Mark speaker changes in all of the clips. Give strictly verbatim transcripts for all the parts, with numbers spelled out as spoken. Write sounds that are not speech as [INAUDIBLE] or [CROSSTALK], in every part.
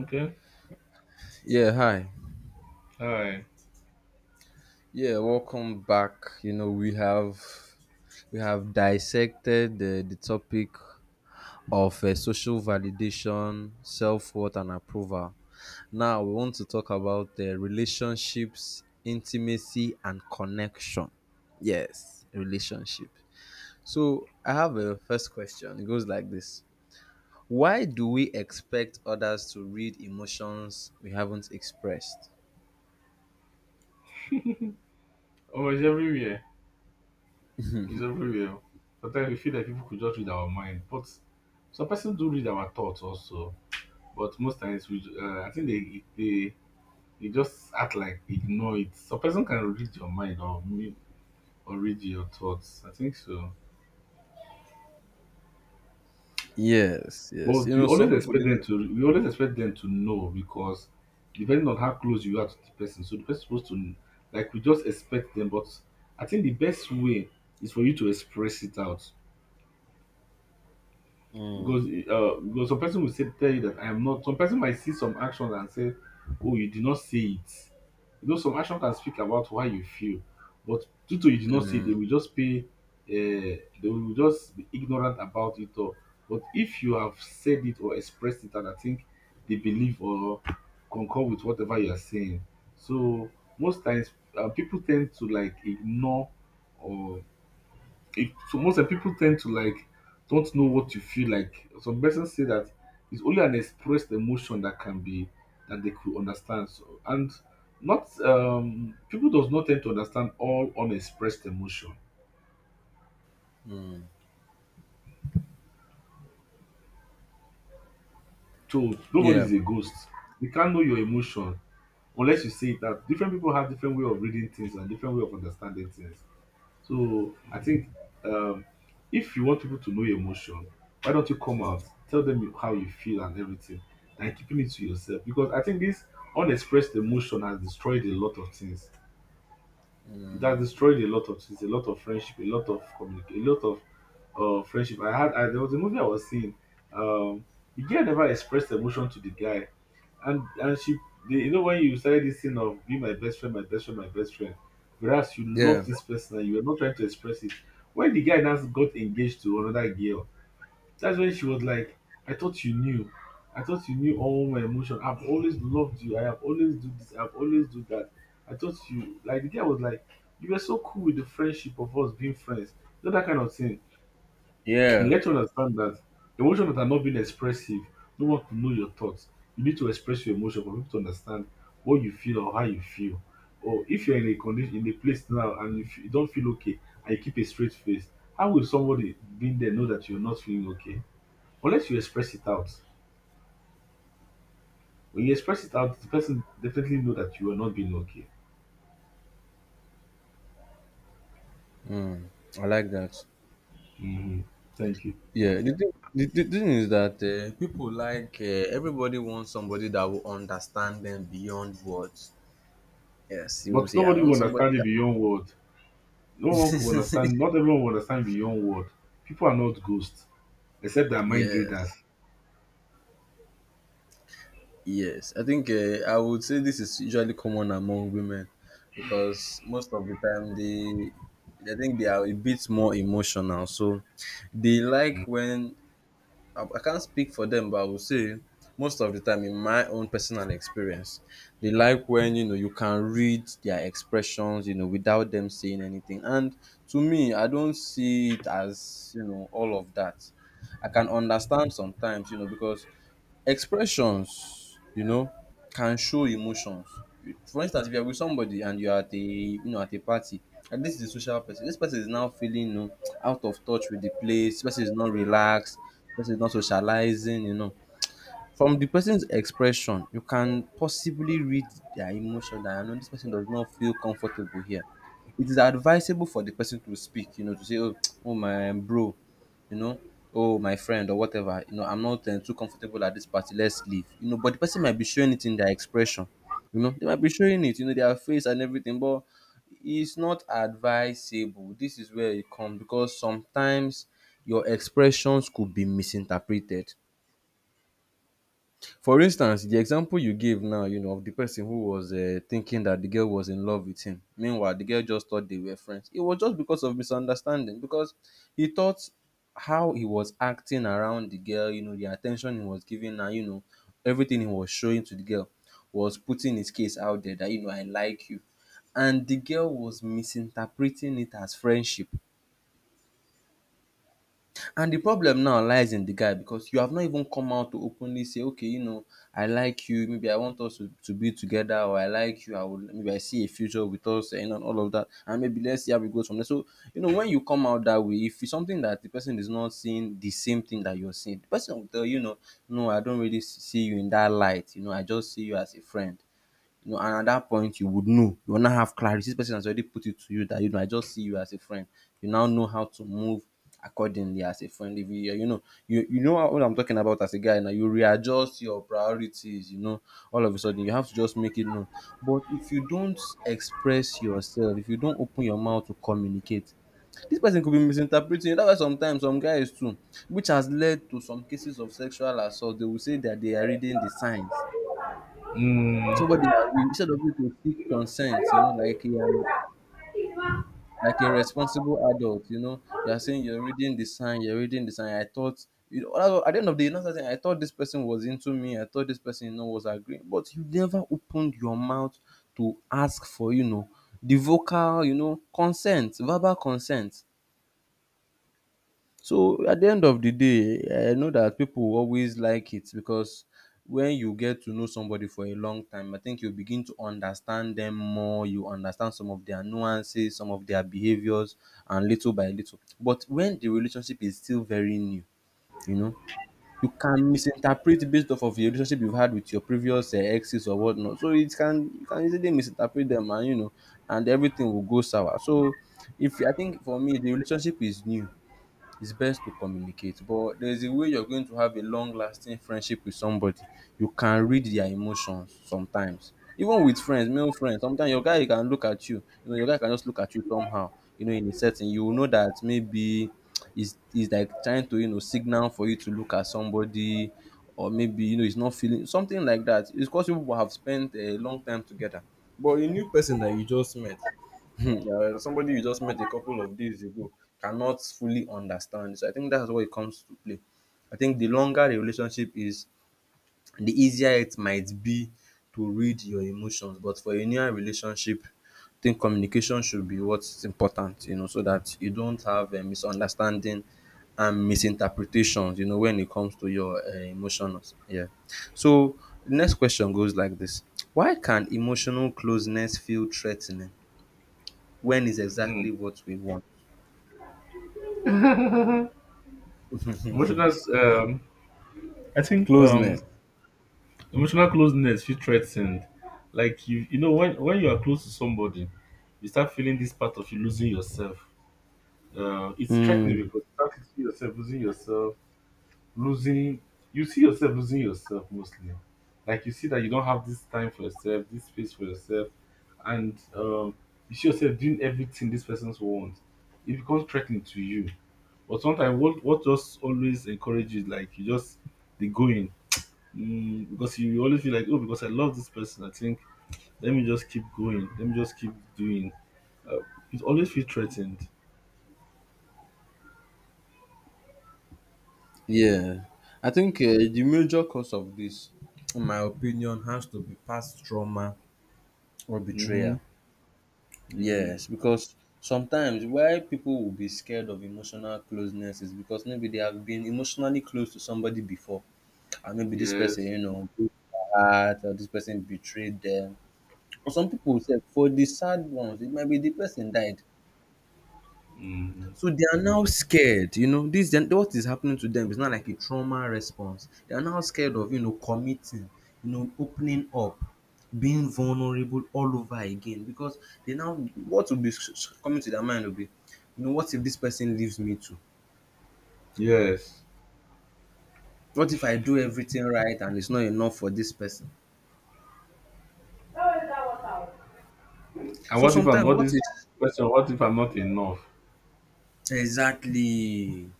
Speaker 1: Okay.
Speaker 2: Yeah, hi.
Speaker 1: Alright.
Speaker 2: Yeah, welcome back. You know, we have we have dissected uh, the topic of uh, social validation, self-worth and approval. Now, we want to talk about uh, relationships, intimacy and connection. Yes, relationship. So, I have a first question. It goes like this. Why do we expect others to read emotions we haven't expressed?
Speaker 1: Oh, it's everywhere. It's everywhere. Sometimes we feel like people could just read our mind, but some persons do read our thoughts also. But most times, we, ju- uh, I think they, they they just act like ignore it. Some person can read your mind or me- or read your thoughts, I think so.
Speaker 2: Yes, yes.
Speaker 1: But
Speaker 2: You
Speaker 1: we
Speaker 2: know, some
Speaker 1: always
Speaker 2: people they.
Speaker 1: expect them to. We always expect them to know because depending on how close you are to the person, so the person is supposed to, like, we just expect them. But I think the best way is for you to express it out because uh because some person will say tell you that I am not, some person might see some actions and say, oh, you did not see it. You know, some action can speak about why you feel, but due to you did not say it, they will just pay uh, they will just be ignorant about it, or but if you have said it or expressed it, and I think they believe or concur with whatever you are saying. So most times, uh, people tend to like ignore, or if so most of people tend to like don't know what you feel like. Some persons say that it's only an expressed emotion that can be that they could understand. So, and not um people does not tend to understand all unexpressed emotion. So nobody
Speaker 2: Yeah,
Speaker 1: is a ghost. You can't know your emotion unless you say it out. Different people have different way of reading things and different way of understanding things. So I think, um, if you want people to know your emotion, why don't you come out, tell them you- how you feel and everything, than keeping it to yourself? Because I think this unexpressed emotion has destroyed a lot of things, that destroyed a lot of things, a lot of friendship, a lot of communication, a lot of uh, friendship. I had I, there was a movie I was seeing. Um, the girl never expressed emotion to the guy, and and she, the, you know, when you started this thing of be my best friend, my best friend, my best friend, whereas you
Speaker 2: yeah,
Speaker 1: love this person and you were not trying to express it. When the guy now got engaged to another girl, that's when she was like, I thought you knew. I thought you knew all my emotion. I've always loved you. I have always do this. I've always do that. I thought you like the girl was like, you were so cool with the friendship of us being friends. You know that kind of thing. You
Speaker 2: yeah.
Speaker 1: let you understand that emotions that are not being expressive, no one could know your thoughts. You need to express your emotion for people to understand what you feel or how you feel. Or if you're in a condition in a place now and you, f- you don't feel okay and you keep a straight face, how will somebody being there know that you're not feeling okay? Unless you express it out. When you express it out, the person definitely know that you are not being okay.
Speaker 2: Mm, I like that.
Speaker 1: Mm-hmm. Thank you.
Speaker 2: Yeah, the thing, the, the thing is that uh, people like, uh, everybody wants somebody that will understand them beyond words. Yes, you will
Speaker 1: But
Speaker 2: say, I
Speaker 1: nobody will
Speaker 2: want somebody
Speaker 1: understand it
Speaker 2: that.
Speaker 1: beyond word. No one could understand.
Speaker 2: [LAUGHS]
Speaker 1: Not everyone will understand beyond word. People are not ghosts, except they are mind
Speaker 2: Yes,
Speaker 1: readers.
Speaker 2: yes. I think, uh, I would say this is usually common among women because most of the time they, I think they are a bit more emotional. So they like when I I can't speak for them, but I would say most of the time, in my own personal experience, they like when, you know, you can read their expressions, you know, without them saying anything. And to me, I don't see it as, you know all of that. I can understand sometimes, you know, because expressions, you know, can show emotions. For instance, if you're with somebody and you're at a you know at a party, and this is a social person, this person is now feeling, you know, out of touch with the place, this person is not relaxed, this person is not socializing, you know. From the person's expression, you can possibly read their emotion that I know this person does not feel comfortable here. It is advisable for the person to speak, you know, to say, oh, [TSK] oh my, um, bro, you know, oh my friend or whatever, you know, I'm not uh, too comfortable at this party, let's leave. You know, but the person might be showing it in their expression. You know, they might be showing it, you know, their face and everything, but it's not advisable. This is where it comes because sometimes your expressions could be misinterpreted. For instance, the example you gave now, you know, of the person who was, uh, thinking that the girl was in love with him. Meanwhile, the girl just thought they were friends. It was just because of misunderstanding, because he thought how he was acting around the girl, you know, the attention he was giving her, you know, everything he was showing to the girl was putting his case out there that, you know, I like you. And the girl was misinterpreting it as friendship. And the problem now lies in the guy because you have not even come out to openly say, okay, you know, I like you, maybe I want us to, to be together, or I like you, I would maybe I see a future with us and all of that. And maybe let's see how it goes from there. So, you know, when you come out that way, if it's something that the person is not seeing the same thing that you're seeing, the person will tell you, you know, no, I don't really s- see you in that light. You know, I just see you as a friend, you know and at that point you would know. You will now have clarity. This person has already put it to you that, you know I just see you as a friend. You now know how to move accordingly as a friend if you. Yeah, you know you you know what I'm talking about. As a guy now, you readjust your priorities. you know all of a sudden you have to just make it known. But if you don't express yourself, if you don't open your mouth to communicate, this person could be misinterpreting you. That's why sometimes some guys too, which has led to some cases of sexual assault, they will say that they are reading the signs.
Speaker 1: Mm,
Speaker 2: Somebody has, instead of you to seek consent, you know, like a, um, like a responsible adult, you know, you're saying you're reading the sign, you're reading the sign. I thought, you know, at the end of the day, you know, something, I thought this person was into me. I thought this person, you know, was agreeing, but you never opened your mouth to ask for, you know, the vocal, you know, consent, verbal consent. So at the end of the day, I know that people always like it because when you get to know somebody for a long time, I think you begin to understand them more. You understand some of their nuances, some of their behaviors, and little by little. But when the relationship is still very new, you know, you can misinterpret based off of the relationship you've had with your previous, uh, exes or whatnot. So it can, you can easily misinterpret them, and you know, and everything will go sour. So if I think for me, the relationship is new, it's best to communicate, but there's a way you're going to have a long lasting friendship with somebody. You can read their emotions sometimes. Even with friends, male friends, sometimes your guy, he can look at you, you know, your guy can just look at you somehow, you know, in a setting. You will know that maybe he's, he's like trying to, you know, signal for you to look at somebody or maybe, you know, he's not feeling something like that. It's because you people have spent a long time together. But a new person that you just met, [LAUGHS] uh, somebody you just met a couple of days ago cannot fully understand. So I think that's what it comes to play. I think the longer a relationship is, the easier it might be to read your emotions. But for a near relationship, I think communication should be what's important, you know, so that you don't have a misunderstanding and misinterpretations, you know, when it comes to your, uh, emotions. Yeah. So the next question goes like this. Why can emotional closeness feel threatening? When is exactly
Speaker 1: mm.
Speaker 2: what we want.
Speaker 1: Emotional. Um, I think um,
Speaker 2: Closeness.
Speaker 1: Emotional closeness feel threatened. Like, you, you know, when when you are close to somebody, you start feeling this part of you losing yourself. Uh, it's threatening
Speaker 2: Mm,
Speaker 1: because you start to see yourself losing yourself, losing. You see yourself losing yourself mostly. Like you see that you don't have this time for yourself, this space for yourself, and um, you see yourself doing everything this person wants. It becomes threatening to you. But sometimes, what what just always encourages, like you just the going. Mm, because you always feel like, oh, because I love this person, I think let me just keep going, let me just keep doing. Uh, it always feel threatened.
Speaker 2: yeah. I think, uh, the major cause of this, in my opinion, has to be past trauma or
Speaker 1: Mm-hmm.
Speaker 2: betrayal.
Speaker 1: Mm-hmm.
Speaker 2: Yes, because sometimes why people will be scared of emotional closeness is because maybe they have been emotionally close to somebody before, and maybe this person,
Speaker 1: Yes.
Speaker 2: you know, broke their heart, or this person betrayed them. Or some people say for the sad ones, it might be the person died.
Speaker 1: Mm-hmm.
Speaker 2: So they are now scared. you know, this then what is happening to them is not like a trauma response. They are now scared of, you know, committing, you know, opening up, being vulnerable all over again because they now, what will be s- s- coming to their mind will be, you know, what if this person leaves me too?
Speaker 1: Yes.
Speaker 2: What if I do everything right and it's not enough for this person?
Speaker 1: And
Speaker 2: So
Speaker 1: what if I'm
Speaker 2: sometimes
Speaker 1: all
Speaker 2: what
Speaker 1: this
Speaker 2: is.
Speaker 1: question? What if I'm not enough?
Speaker 2: Exactly.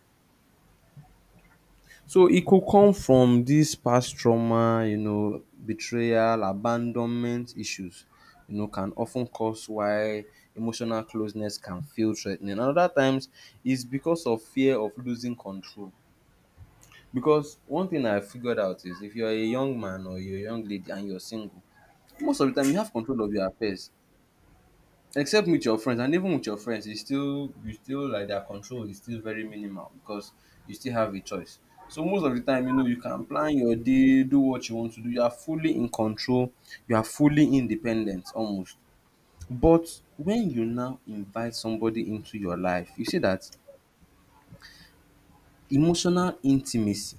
Speaker 2: So it could come from this past trauma, you know, betrayal, abandonment issues, you know, can often cause why emotional closeness can feel threatening. Ten. And other times it's because of fear of losing control. Because one thing I figured out is if you are a young man or you're a young lady and you're single, most of the time you have control of your affairs. Except with your friends, and even with your friends, it's still, you still like, their control is still very minimal because you still have a choice. So most of the time, you know, you can plan your day, do what you want to do, you are fully in control, you are fully independent almost. But when you now invite somebody into your life, you see that emotional intimacy,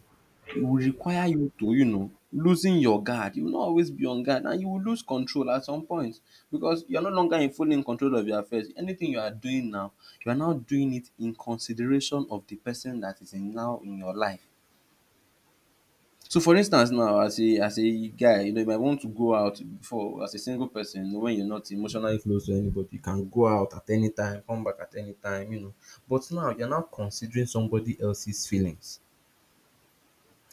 Speaker 2: it will require you to, you know, losing your guard. You will not always be on guard and you will lose control at some point because you are no longer in full in control of your affairs. Anything you are doing now, you are now doing it in consideration of the person that is in now in your life. So for instance now, as a as a guy, you know, you might want to go out before, as a single person, you know, when you're not emotionally close to anybody, you can go out at any time, come back at any time, you know. But now you're now considering somebody else's feelings.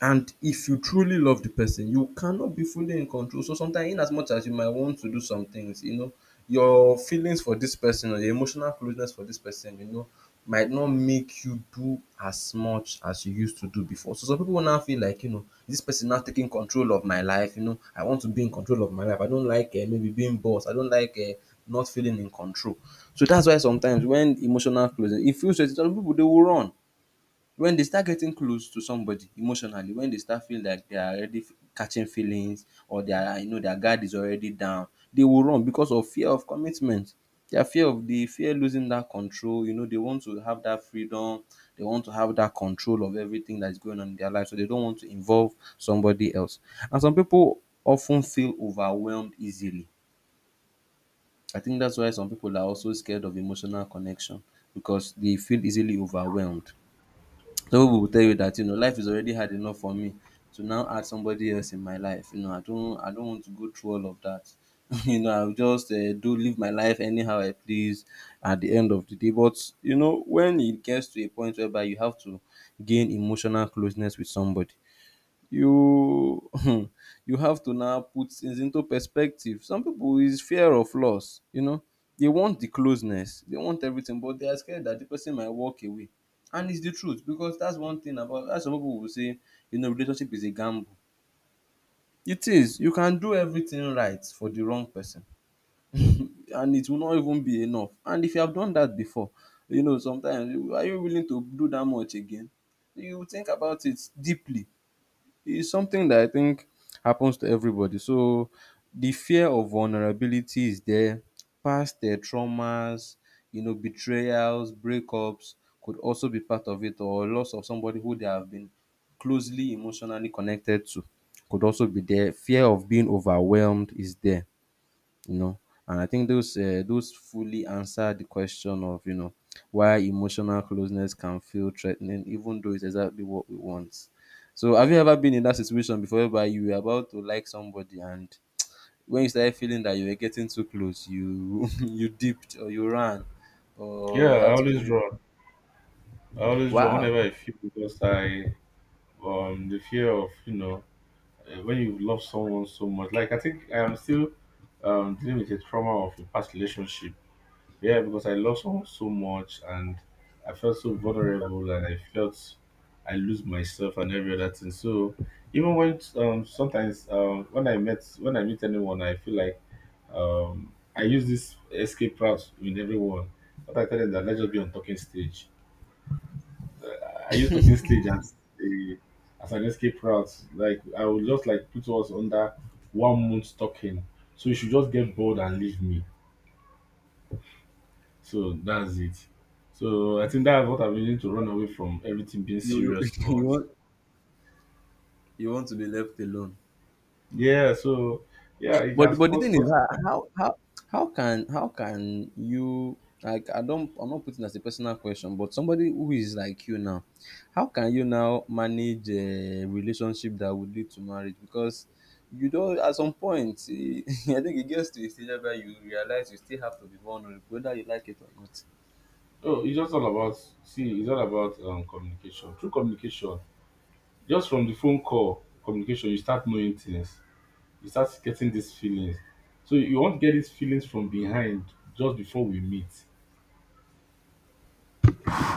Speaker 2: And if you truly love the person, you cannot be fully in control. So sometimes, in as much as you might want to do some things, you know, your feelings for this person or your emotional closeness for this person, you know, might not make you do as much as you used to do before. So some people now feel like, you know, this person now taking control of my life, you know, I want to be in control of my life. I don't like, uh, maybe being boss. I don't like uh, not feeling in control. So that's why sometimes when emotional closeness, it feels that some people they will run when they start getting close to somebody emotionally, when they start feeling like they are already f- catching feelings, or they are, you know, their guard is already down, they will run because of fear of commitment, their fear of the fear losing that control. You know, they want to have that freedom, they want to have that control of everything that's going on in their life, so they don't want to involve somebody else. And some people often feel overwhelmed easily. I think that's why some people are also scared of emotional connection, because they feel easily overwhelmed. Some pipu will tell you that, you know, life is already hard enough for me to now add somebody else in my life. You know, I don't I don't want to go through all of that. [LAUGHS] You know, I will just um do live my life anyhow I please at the end of the day. But you know, when it gets to a point whereby you have to gain emotional closeness with somebody, you [LAUGHS] you have to now put things into perspective. Some people is fear of loss, you know. They want the closeness, they want everything, but they are scared that the person might walk away. And it's the truth, because that's one thing about that's some people will say, you know, relationship is a gamble. It is. You can do everything right for the wrong person. [LAUGHS] And it will not even be enough. And if you have done that before, you know, sometimes you- are you willing to do that much again? You think about it deeply. It's something that I think happens to everybody. So the fear of vulnerability is there. Past uh, traumas, you know, betrayals, breakups could also be part of it, or loss of somebody who they have been closely emotionally connected to could also be there. Fear of being overwhelmed is there, you know. And I think those uh, those fully answer the question of, you know, why emotional closeness can feel threatening even though it's exactly what we want. So have you ever been in that situation before, whereby you were about to like somebody, and when you started feeling that you were getting too close, you [LAUGHS] you dipped, or you ran, or
Speaker 1: Yeah,
Speaker 2: you
Speaker 1: I
Speaker 2: had to
Speaker 1: always
Speaker 2: think?
Speaker 1: draw. I always draw
Speaker 2: Wow.
Speaker 1: whenever I feel because I, um the fear of, you know, eh, when you love someone so much. Like I think I am still um dealing with the trauma of a past relationship. Yeah, because I love someone so much and I felt so vulnerable, and I felt I lose myself and every other thing. So even when, um sometimes um when I met when I meet anyone, I feel like, um I use this escape route with everyone. But I tell them that let's just be on talking stage. I use talking stage as a as an escape route. Like I would just like put us under one month talking. So you should just get bored and leave me. So that's it. So I think that's what I'm using to run away from everything being
Speaker 2: you you,
Speaker 1: serious.
Speaker 2: [LAUGHS]
Speaker 1: Or
Speaker 2: you want you want to be left alone.
Speaker 1: yeah, so yeah, it
Speaker 2: But
Speaker 1: has
Speaker 2: but the
Speaker 1: caused
Speaker 2: thing is,
Speaker 1: something.
Speaker 2: how how how how can how can you, like, I don't I'm not putting it as a personal question, but somebody who is like you now, how can you now manage a relationship that would lead to marriage? Because you don't at some point [LAUGHS] I think it gets to a stage where you realize you still have to be vulnerable, whether you like it or
Speaker 1: Oh, it's just all about, see, it's all about um, communication. Through communication, just from the phone call communication, you start knowing things. You start getting these feelings. So you won't get these feelings from behind just before we meet.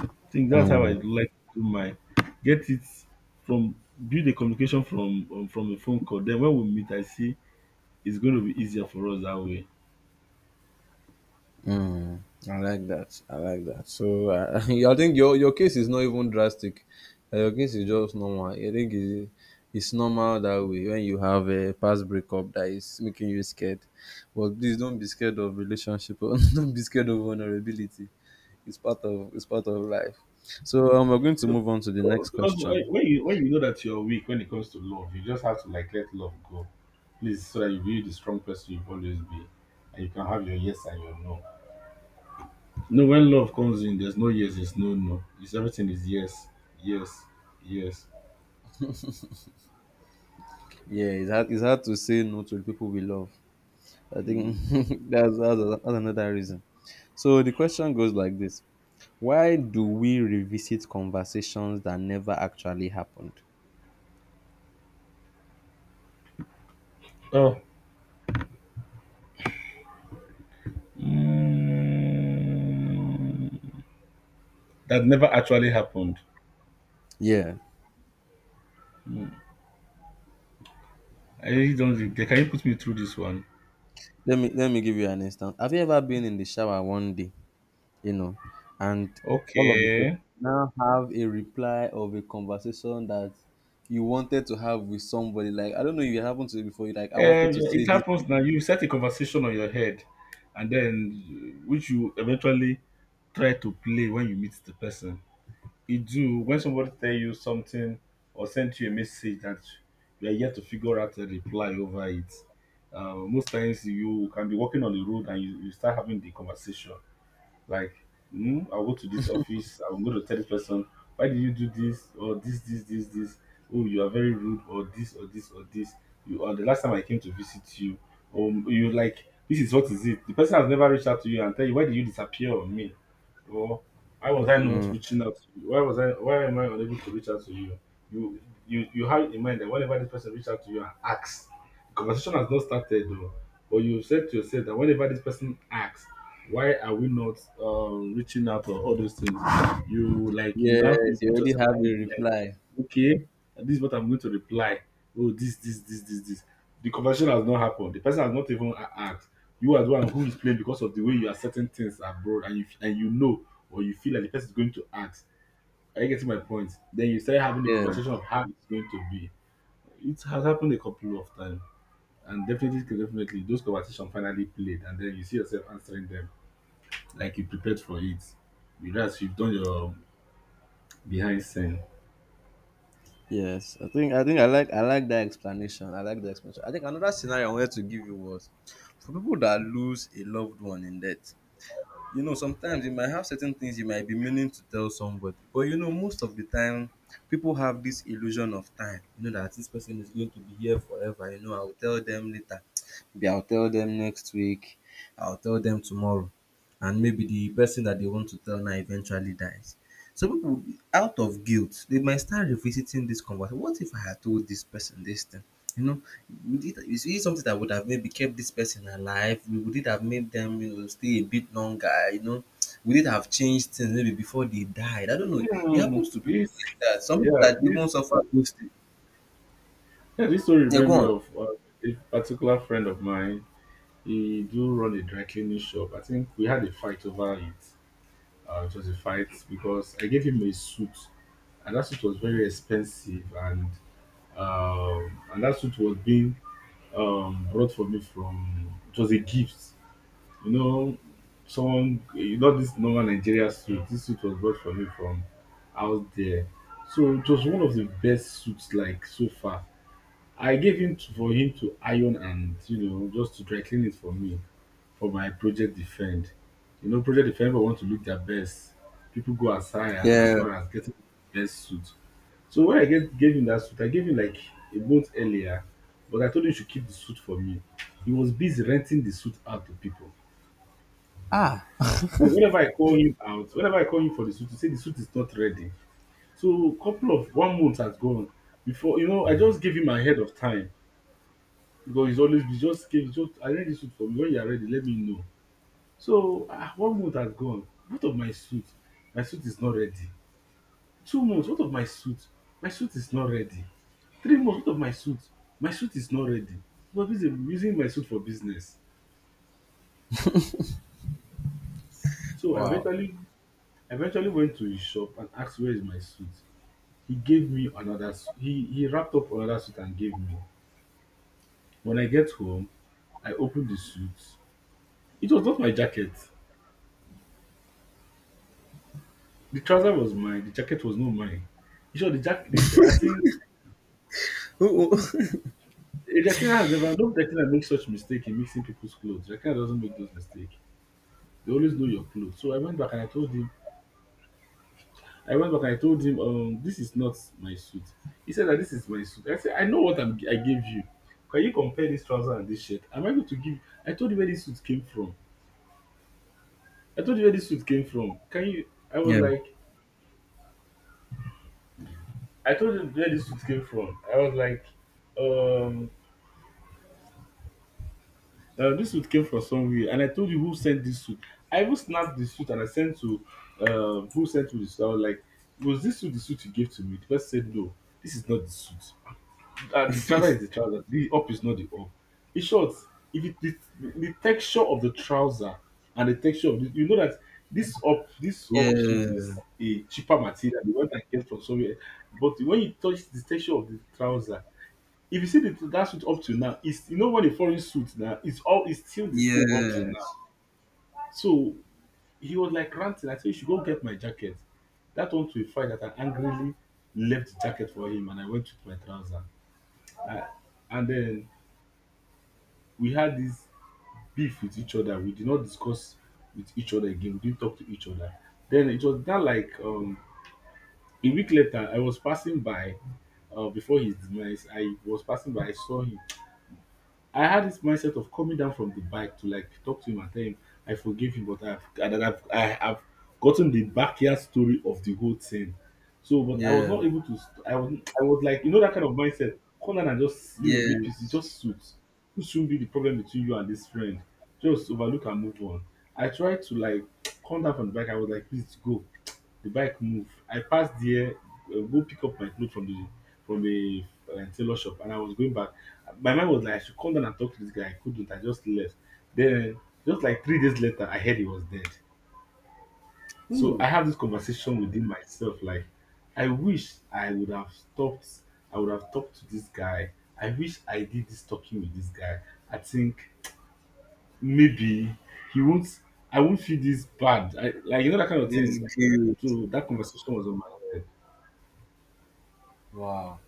Speaker 1: I think that's how I
Speaker 2: not.
Speaker 1: like to do my get it from build the communication from, um, from a phone call. Then when we meet, I see it's going to be easier for us that way.
Speaker 2: Mm, I like that. I like that. So uh, [LAUGHS] I think your your case is not even drastic. Uh, your case is just normal. I think it's, it's normal that way when you have a past breakup that is making you scared. But please don't be scared of relationship. [LAUGHS] Or don't be scared of vulnerability. It's part of it's part of life. So um, we're going to
Speaker 1: No,
Speaker 2: move on to the
Speaker 1: no,
Speaker 2: next
Speaker 1: because
Speaker 2: question.
Speaker 1: when when you when you know that you're weak when it comes to love, you just have to like let love go, please, so that you be the strong person you've always been, and you can have your yes and your no. No, when love comes in, there's no yes, there's no no. It's everything is yes, yes, yes.
Speaker 2: Yeah, it's hard, it's hard to say no to the people we love. I think
Speaker 1: Mm.
Speaker 2: [LAUGHS] that's, that's that's another reason. So the question goes like this: why do we revisit conversations that never actually happened?
Speaker 1: Oh, mm. That never actually happened.
Speaker 2: Yeah.
Speaker 1: I really don't. Think- Can you put me through this one?
Speaker 2: Let me let me give you an instance. Have you ever been in the shower one day, you know, and all of a sudden
Speaker 1: Okay.
Speaker 2: now have a reply of a conversation that you wanted to have with somebody? Like, I don't know if it happened to you before. You're like, I wanted
Speaker 1: Um,
Speaker 2: to say
Speaker 1: it
Speaker 2: this.
Speaker 1: happens now. You set a conversation on your head, and then which you eventually try to play when you meet the person. It do when somebody tell you something or send you a message that you are yet to figure out a reply over it. Uh, most times you can be walking on the road, and you, you start having the conversation. Like, mm, I'll go to this office, I'm going to tell this person, why did you do this, or this, this, this, this? Oh, you are very rude, or this, or this, or this. You are the last time I came to visit you. Um, you like, this is what is it? The person has never reached out to you and tell you, why did you disappear on me? Or why was I not
Speaker 2: Mm.
Speaker 1: reaching out to you? Why was I why am I unable to reach out to you? You you you have it in mind that whenever this person reaches out to you and asks, the conversation has not started though. But you said to yourself that whenever this person asks, why are we not, um, reaching out or all those things? You like you now
Speaker 2: Yes,
Speaker 1: you
Speaker 2: you
Speaker 1: put
Speaker 2: already
Speaker 1: yourself
Speaker 2: have a
Speaker 1: in, like
Speaker 2: reply.
Speaker 1: okay, and this is what I'm going to reply. Oh, this, this, this, this, this. The conversation has not happened. The person has not even a- asked. You are the one who is playing because of the way you are certain things abroad, and you f- and you know, or you feel like the person is going to ask. Are you getting my point? Then you start having the
Speaker 2: Yeah.
Speaker 1: conversation of how it's going to be. It has happened a couple of times. And definitely, definitely, those conversations finally played, and then you see yourself answering them like you prepared for it. Whereas you've done your behind scene.
Speaker 2: Yes, I think I think I like I like that explanation. I like the explanation. I think another scenario I wanted to give you was for people that lose a loved one in death. You know, sometimes you might have certain things you might be meaning to tell somebody, but you know, most of the time people have this illusion of time, you know, that this person is going to be here forever. You know, I'll tell them later, maybe I'll tell them next week, I'll tell them tomorrow. And maybe the person that they want to tell now eventually dies. So people, out of guilt, they might start revisiting this conversation. What if I had told this person this thing, you know? Would it, is it something that would have maybe kept this person alive? Would it have made them, you know, stay a bit longer? You know, would it have changed things, maybe, before they died? I don't know. It
Speaker 1: Hmm,
Speaker 2: happens to people
Speaker 1: this,
Speaker 2: like that. Some people
Speaker 1: yeah,
Speaker 2: that even
Speaker 1: this
Speaker 2: suffer those things.
Speaker 1: Yeah, this story
Speaker 2: Yeah, go
Speaker 1: reminds me
Speaker 2: on.
Speaker 1: of uh, a particular friend of mine. He do run a dry cleaning shop. I think we had a fight over it. Uh, it was a fight because I gave him a suit, and that suit was very expensive, and um, and that suit was being, um, brought for me from. It was a gift, you know. Someone, you know, this normal Nigeria suit. This suit was brought for me from out there, so it was one of the best suits. Like, so far I gave him to, for him to iron, and you know, just to dry clean it for me for my project defend. You know, project defend people want to look their best. People go as high a- as
Speaker 2: Yeah.
Speaker 1: far as getting the best suit. So when I get, gave him that suit, I gave him like a month earlier, but I told him he should keep the suit for me. He was busy renting the suit out to people.
Speaker 2: Ah.
Speaker 1: So whenever I call him out, whenever I call him for the suit, he say the suit is not ready. So couple of one month has gone before you know I just gave him ahead of time. Because it's always you just came, just I arrange this suit for me. When you are ready, let me know. So ah, one month has gone. What of my suit? My suit is not ready. Two months, what of my suit? My suit is not ready. Three months, what of my suit? My suit is not ready. Because busy using my suit for business. So I
Speaker 2: Wow.
Speaker 1: eventually eventually went to his shop and asked where is my suit. He gave me another suit. He he wrapped up another suit and gave me. When I get home, I opened the suit. It was not my jacket. The trouser was mine, the jacket was not mine. You sure the jacket? The, ja- I think
Speaker 2: Oh, oh.
Speaker 1: eh, Jacqueline has never. No Jacqueline makes such mistake in mixing people's clothes. Jacqueline doesn't make those mistakes. They always know your clothes. So I went back and I told him. I went back and I told him, um, this is not my suit. He said that this is my suit. I said, I know what I'm, gi gave you. Can you compare this trouser and this shirt? Am I going to give? I told you where this suit came from. I told you where this suit came from. Can you? I was
Speaker 2: [LAUGHS] Yeah.
Speaker 1: like, I told you where this suit came from. I was like, um, Uh, this suit came from somewhere, and I told you who sent this suit. I even snapped the suit and I sent to uh, who sent me the suit. I was like, "Was this suit the suit you gave to me?" The person said, "No, this is not the suit. Uh, the trouser is the trouser. The up is not the up." In short, if it, the, the texture of the trouser and the texture of the, you know that this up this up suit
Speaker 2: Yeah.
Speaker 1: is a cheaper material, the one that I get from somewhere. But when you touch the texture of the trouser, if you see the, that suit up to now, it's you know when a foreign suit now, it's all it's still the same up to now.
Speaker 2: Yes.
Speaker 1: So he was like ranting. I said, you should go get my jacket. That went to a fight that I angrily left the jacket for him and I went with my trouser. I, and then we had this beef with each other. We did not discuss with each other again. We didn't talk to each other. Then it was that like um, a week later, I was passing by uh, before his demise. I was passing by, I saw him. I had this mindset of coming down from the bike to like talk to him and tell him I forgive you, but I've and that I've I have gotten the backyard story of the whole thing. So, but I was
Speaker 2: Yeah.
Speaker 1: not able to. st- I was I was like you know that kind of mindset. Come down and just you know make peace. It
Speaker 2: Yes.
Speaker 1: just suits. It shouldn't be the problem between you and this friend. Just overlook and move on. I tried to like [TSK] come down from the bike. I was like, please go. The bike move. I passed there, uh, go pick up my clothes from the from a uh, tailor shop, and I was going back my mind was like, I should come down and talk to this guy. I couldn't. I just left. Then, just like three days later, I heard he was dead. So I
Speaker 2: Ooh,
Speaker 1: have this conversation within myself. Like, I wish I would have stopped. I would have talked to this guy. I wish I did this talking with this guy. I think maybe he won't. I won't feel this bad. I, like you know that kind of
Speaker 2: this
Speaker 1: thing.
Speaker 2: is good.
Speaker 1: So that conversation was on my head.
Speaker 2: Wow,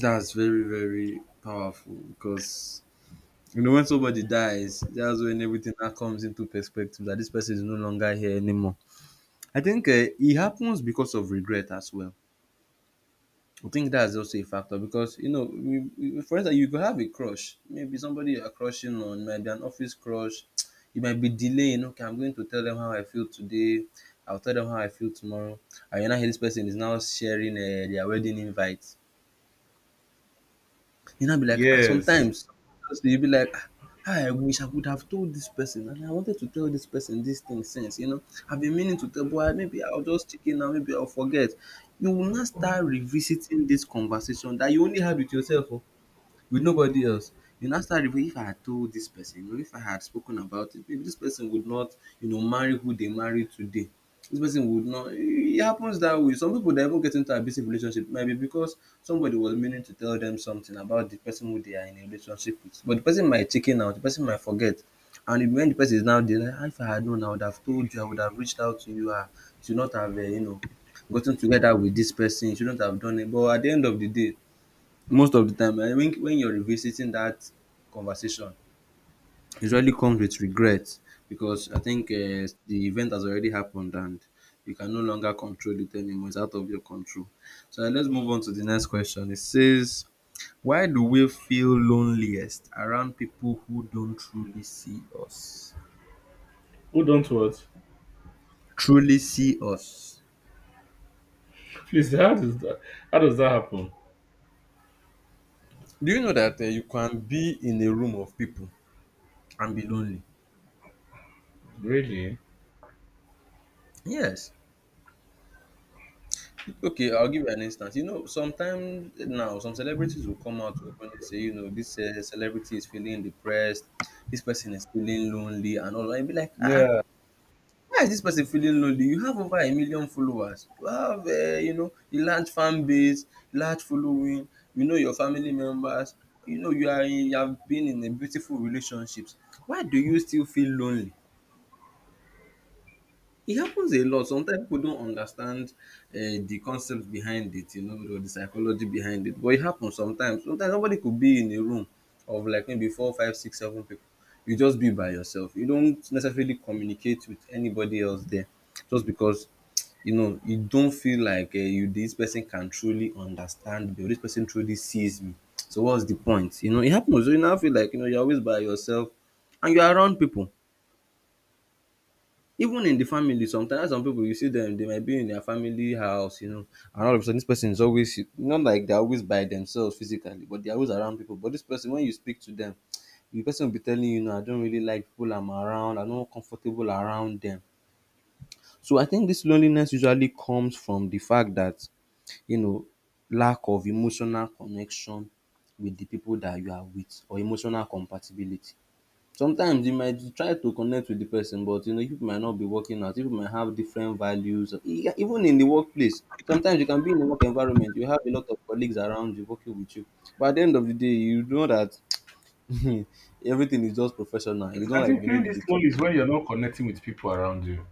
Speaker 2: that's very, very powerful. Because you know, when somebody dies, that's when everything that comes into perspective that this person is no longer here anymore. I think uh, it happens because of regret as well. I think that's also a factor. Because you know, we, we, for instance, you could have a crush. Maybe somebody you are crushing on, might be an office crush. You might be delaying. Okay, I'm going to tell them how I feel today. I'll tell them how I feel tomorrow. And you now hear this person is now sharing uh, their wedding invite. You now be like, ah,
Speaker 1: Yes.
Speaker 2: sometimes honestly you be like, ah, I wish I would have told this person, and I wanted to tell this person this thing since, you know. I've been meaning to tell, but I, maybe I'll just check in now, maybe I'll forget. You will not start revisiting this conversation that you only had with yourself, oh, with nobody else. You now start, if I had told this person, you know, if I had spoken about it, maybe this person would not, you know, marry who they marry today. This person would not. It happens that way. Some people that even get into abusive relationship maybe because somebody was meaning to tell them something about the person who they are in a relationship with, but the person might chicken out, the person might forget, and in- when the person is now there, like, "Ah, if I had known, I would have told you, I would have reached out to you, I should not have, uh, you know, gotten together with this person, you shouldn't have done it." But at the end of the day, most of the time, um when when you're revisiting that conversation, it usually comes with regret, because I think um the event has already happened and you can no longer control it anymore. It's out of your control. So uh, let's move on to the next question. It says, why do we feel loneliest around people who don't truly see us?
Speaker 1: Hold on to it.
Speaker 2: Truly see us.
Speaker 1: Please, how does that? How does that happen?
Speaker 2: Do you know that um you can be in a room of people and be lonely?
Speaker 1: Really?
Speaker 2: Yes. Okay, I'll give you an instance. You know, sometimes now, some celebrities will come out openly say, you know, this uh, celebrity is feeling depressed, this person is feeling lonely, and all. I'll be like, ah,
Speaker 1: Yeah.
Speaker 2: why is this person feeling lonely? You have over a million followers, you have, uh, you know, a large fan base, large following, you know, your family members, you know, you are, in- you have been in a beautiful relationships. Why do you still feel lonely? It happens a lot. Sometimes people don't understand uh, the concepts behind it, you know, or the psychology behind it. But it happens sometimes. Sometimes somebody could be in a room of like maybe four, five, six, seven people. You just be by yourself. You don't necessarily communicate with anybody else there, just because you know you don't feel like uh, you this person can truly understand me, or this person truly sees me. So what's the point? You know, it happens. So you now feel like, you know, you're always by yourself, and you're around people. Even in the family, sometimes some pipu, you see dem dey might be in their family house, you know, and all of a sudden dis person is always not, like, they are always by themselves physically, but they are always around pipu. But dis person, when you speak to dem, the person will be telling you, now, I don't really like people I'm around, I no comfortable around dem. So I think dis loneliness usually comes from the fact dat you know lack of emotional connection with the pipu dat you are with or emotional compatibility. Sometimes you might try to connect with the person, but you know, people might not be working out. People might have different values. E- Even in the workplace, sometimes you can be in a work environment, you have a lot of colleagues around you working with you. But at the end of the day, you know that [LAUGHS] everything is just professional. You
Speaker 1: I
Speaker 2: don't
Speaker 1: I
Speaker 2: like
Speaker 1: think
Speaker 2: the
Speaker 1: feeling
Speaker 2: maybe
Speaker 1: this
Speaker 2: the care.
Speaker 1: lonely is when you're not connecting with people around you.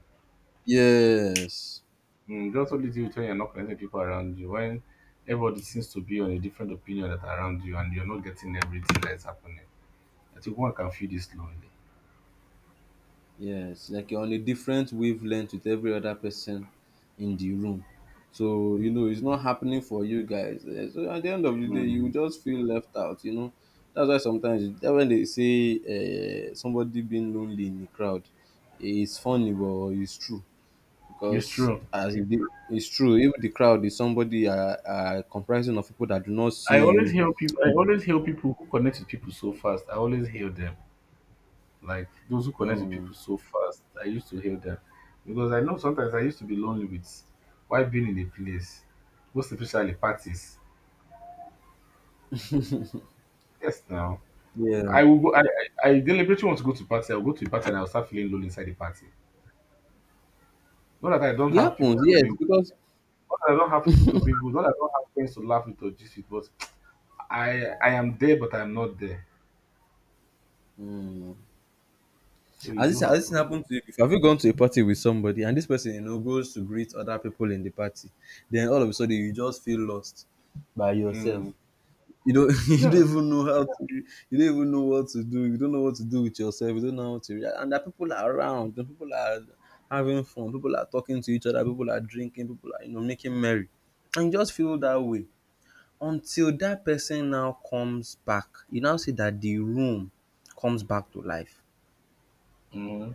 Speaker 2: Yes.
Speaker 1: Mm, that's what it is when you're not connecting with people around you. When everybody seems to be on a different opinion that around you and you're not getting everything that's happening. I think one can feel this lonely.
Speaker 2: Yes, like you're on a different wavelength with every other person in the room. So, you know, it's not happening for you guys. Eh, so at the end of the day, you
Speaker 1: Mm,
Speaker 2: just feel left out, you know. That's why sometimes that's when they say uh, somebody being lonely in the crowd, it's funny, but it's true.
Speaker 1: it's
Speaker 2: Because
Speaker 1: true.
Speaker 2: as if the, it's true, even the crowd is somebody uh, uh, comprising of people that do not
Speaker 1: I
Speaker 2: see
Speaker 1: always
Speaker 2: you.
Speaker 1: hear people I always hear people who connect with people so fast. I always hear them. Like those who connect with
Speaker 2: Mm,
Speaker 1: people so fast. I used to hear them. Because I know sometimes I used to be lonely with while being in a place. Most especially parties. Yes now.
Speaker 2: yeah.
Speaker 1: I will go, I, I I deliberately want to go to party. I'll go to a party and I'll start feeling lonely inside the party. Not that I don't
Speaker 2: It
Speaker 1: have
Speaker 2: happens,
Speaker 1: people to
Speaker 2: yes,
Speaker 1: mingle with.
Speaker 2: because
Speaker 1: Not that I don't have people to be good. Not that I don't have friends to laugh with or gist with. But I I am there, but I'm not there.
Speaker 2: hmm.
Speaker 1: So
Speaker 2: Has
Speaker 1: it
Speaker 2: this
Speaker 1: do
Speaker 2: has this
Speaker 1: happen.
Speaker 2: happened to you before? Have you gone to a party with somebody and this person you know goes to greet other people in the party, then all of a sudden you just feel lost by yourself.
Speaker 1: Mm.
Speaker 2: You don't [LAUGHS] you
Speaker 1: Yeah.
Speaker 2: don't even know how to you don't even know what to do. You don't know what to do with yourself. You don't know how to and that people are around. The people are having fun. People are talking to each other. People are drinking. People are you know making merry, and you just feel that way until that person now comes back. You now see that the room comes back to life.
Speaker 1: Mm.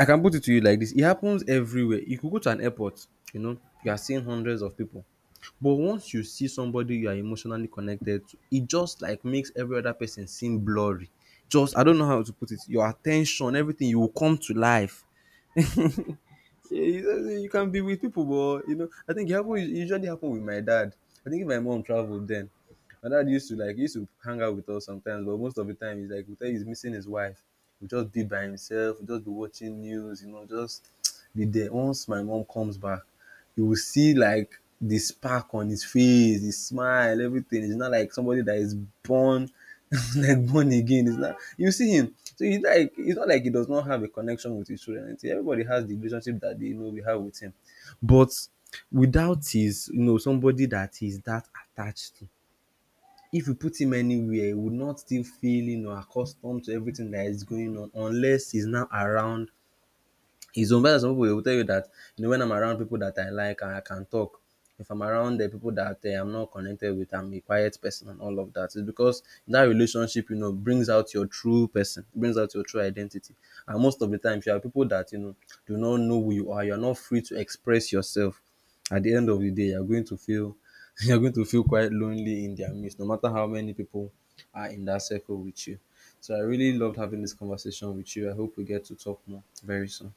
Speaker 2: I can put it to you like this. It happens everywhere. You could go to an airport, you know, you are seeing hundreds of people. But once you see somebody you are emotionally connected to, it just like makes every other person seem blurry. Just I don't know how to put it. Your attention, everything, you will come to life. [LAUGHS] you you can be with people, but you know, I think it happen, it usually happen with my dad. I think if my mom traveled then my dad used to like used to hang out with us sometimes, but most of the time he's like we tell you he's missing his wife. He'll just be by himself, he'll just be watching news, you know, just [TSK] be there. Once my mom comes back, you will see like the spark on his face, his smile, everything. It's not like somebody that is born [LAUGHS] like born again. It's not you see him. So he's like it's not like he does not have a connection with his children. Everybody has the relationship that they know we have with him. But without his, you know, somebody that he's that attached to, if you put him anywhere, he would not still feel you know accustomed to everything that is going on unless he's now around. It's unfair that some people they will tell you that you know when I'm around people that I like and I can talk. If I'm around the people that uh, I'm not connected with, I'm a quiet person and all of that. It's because that relationship, you know, brings out your true person, brings out your true identity. And most of the time, you have people that you know do not know who you are, you are not free to express yourself. At the end of the day, you're going to feel [LAUGHS] you're going to feel quite lonely in their midst, no matter how many people are in that circle with you. So I really loved having this conversation with you. I hope we get to talk more very soon.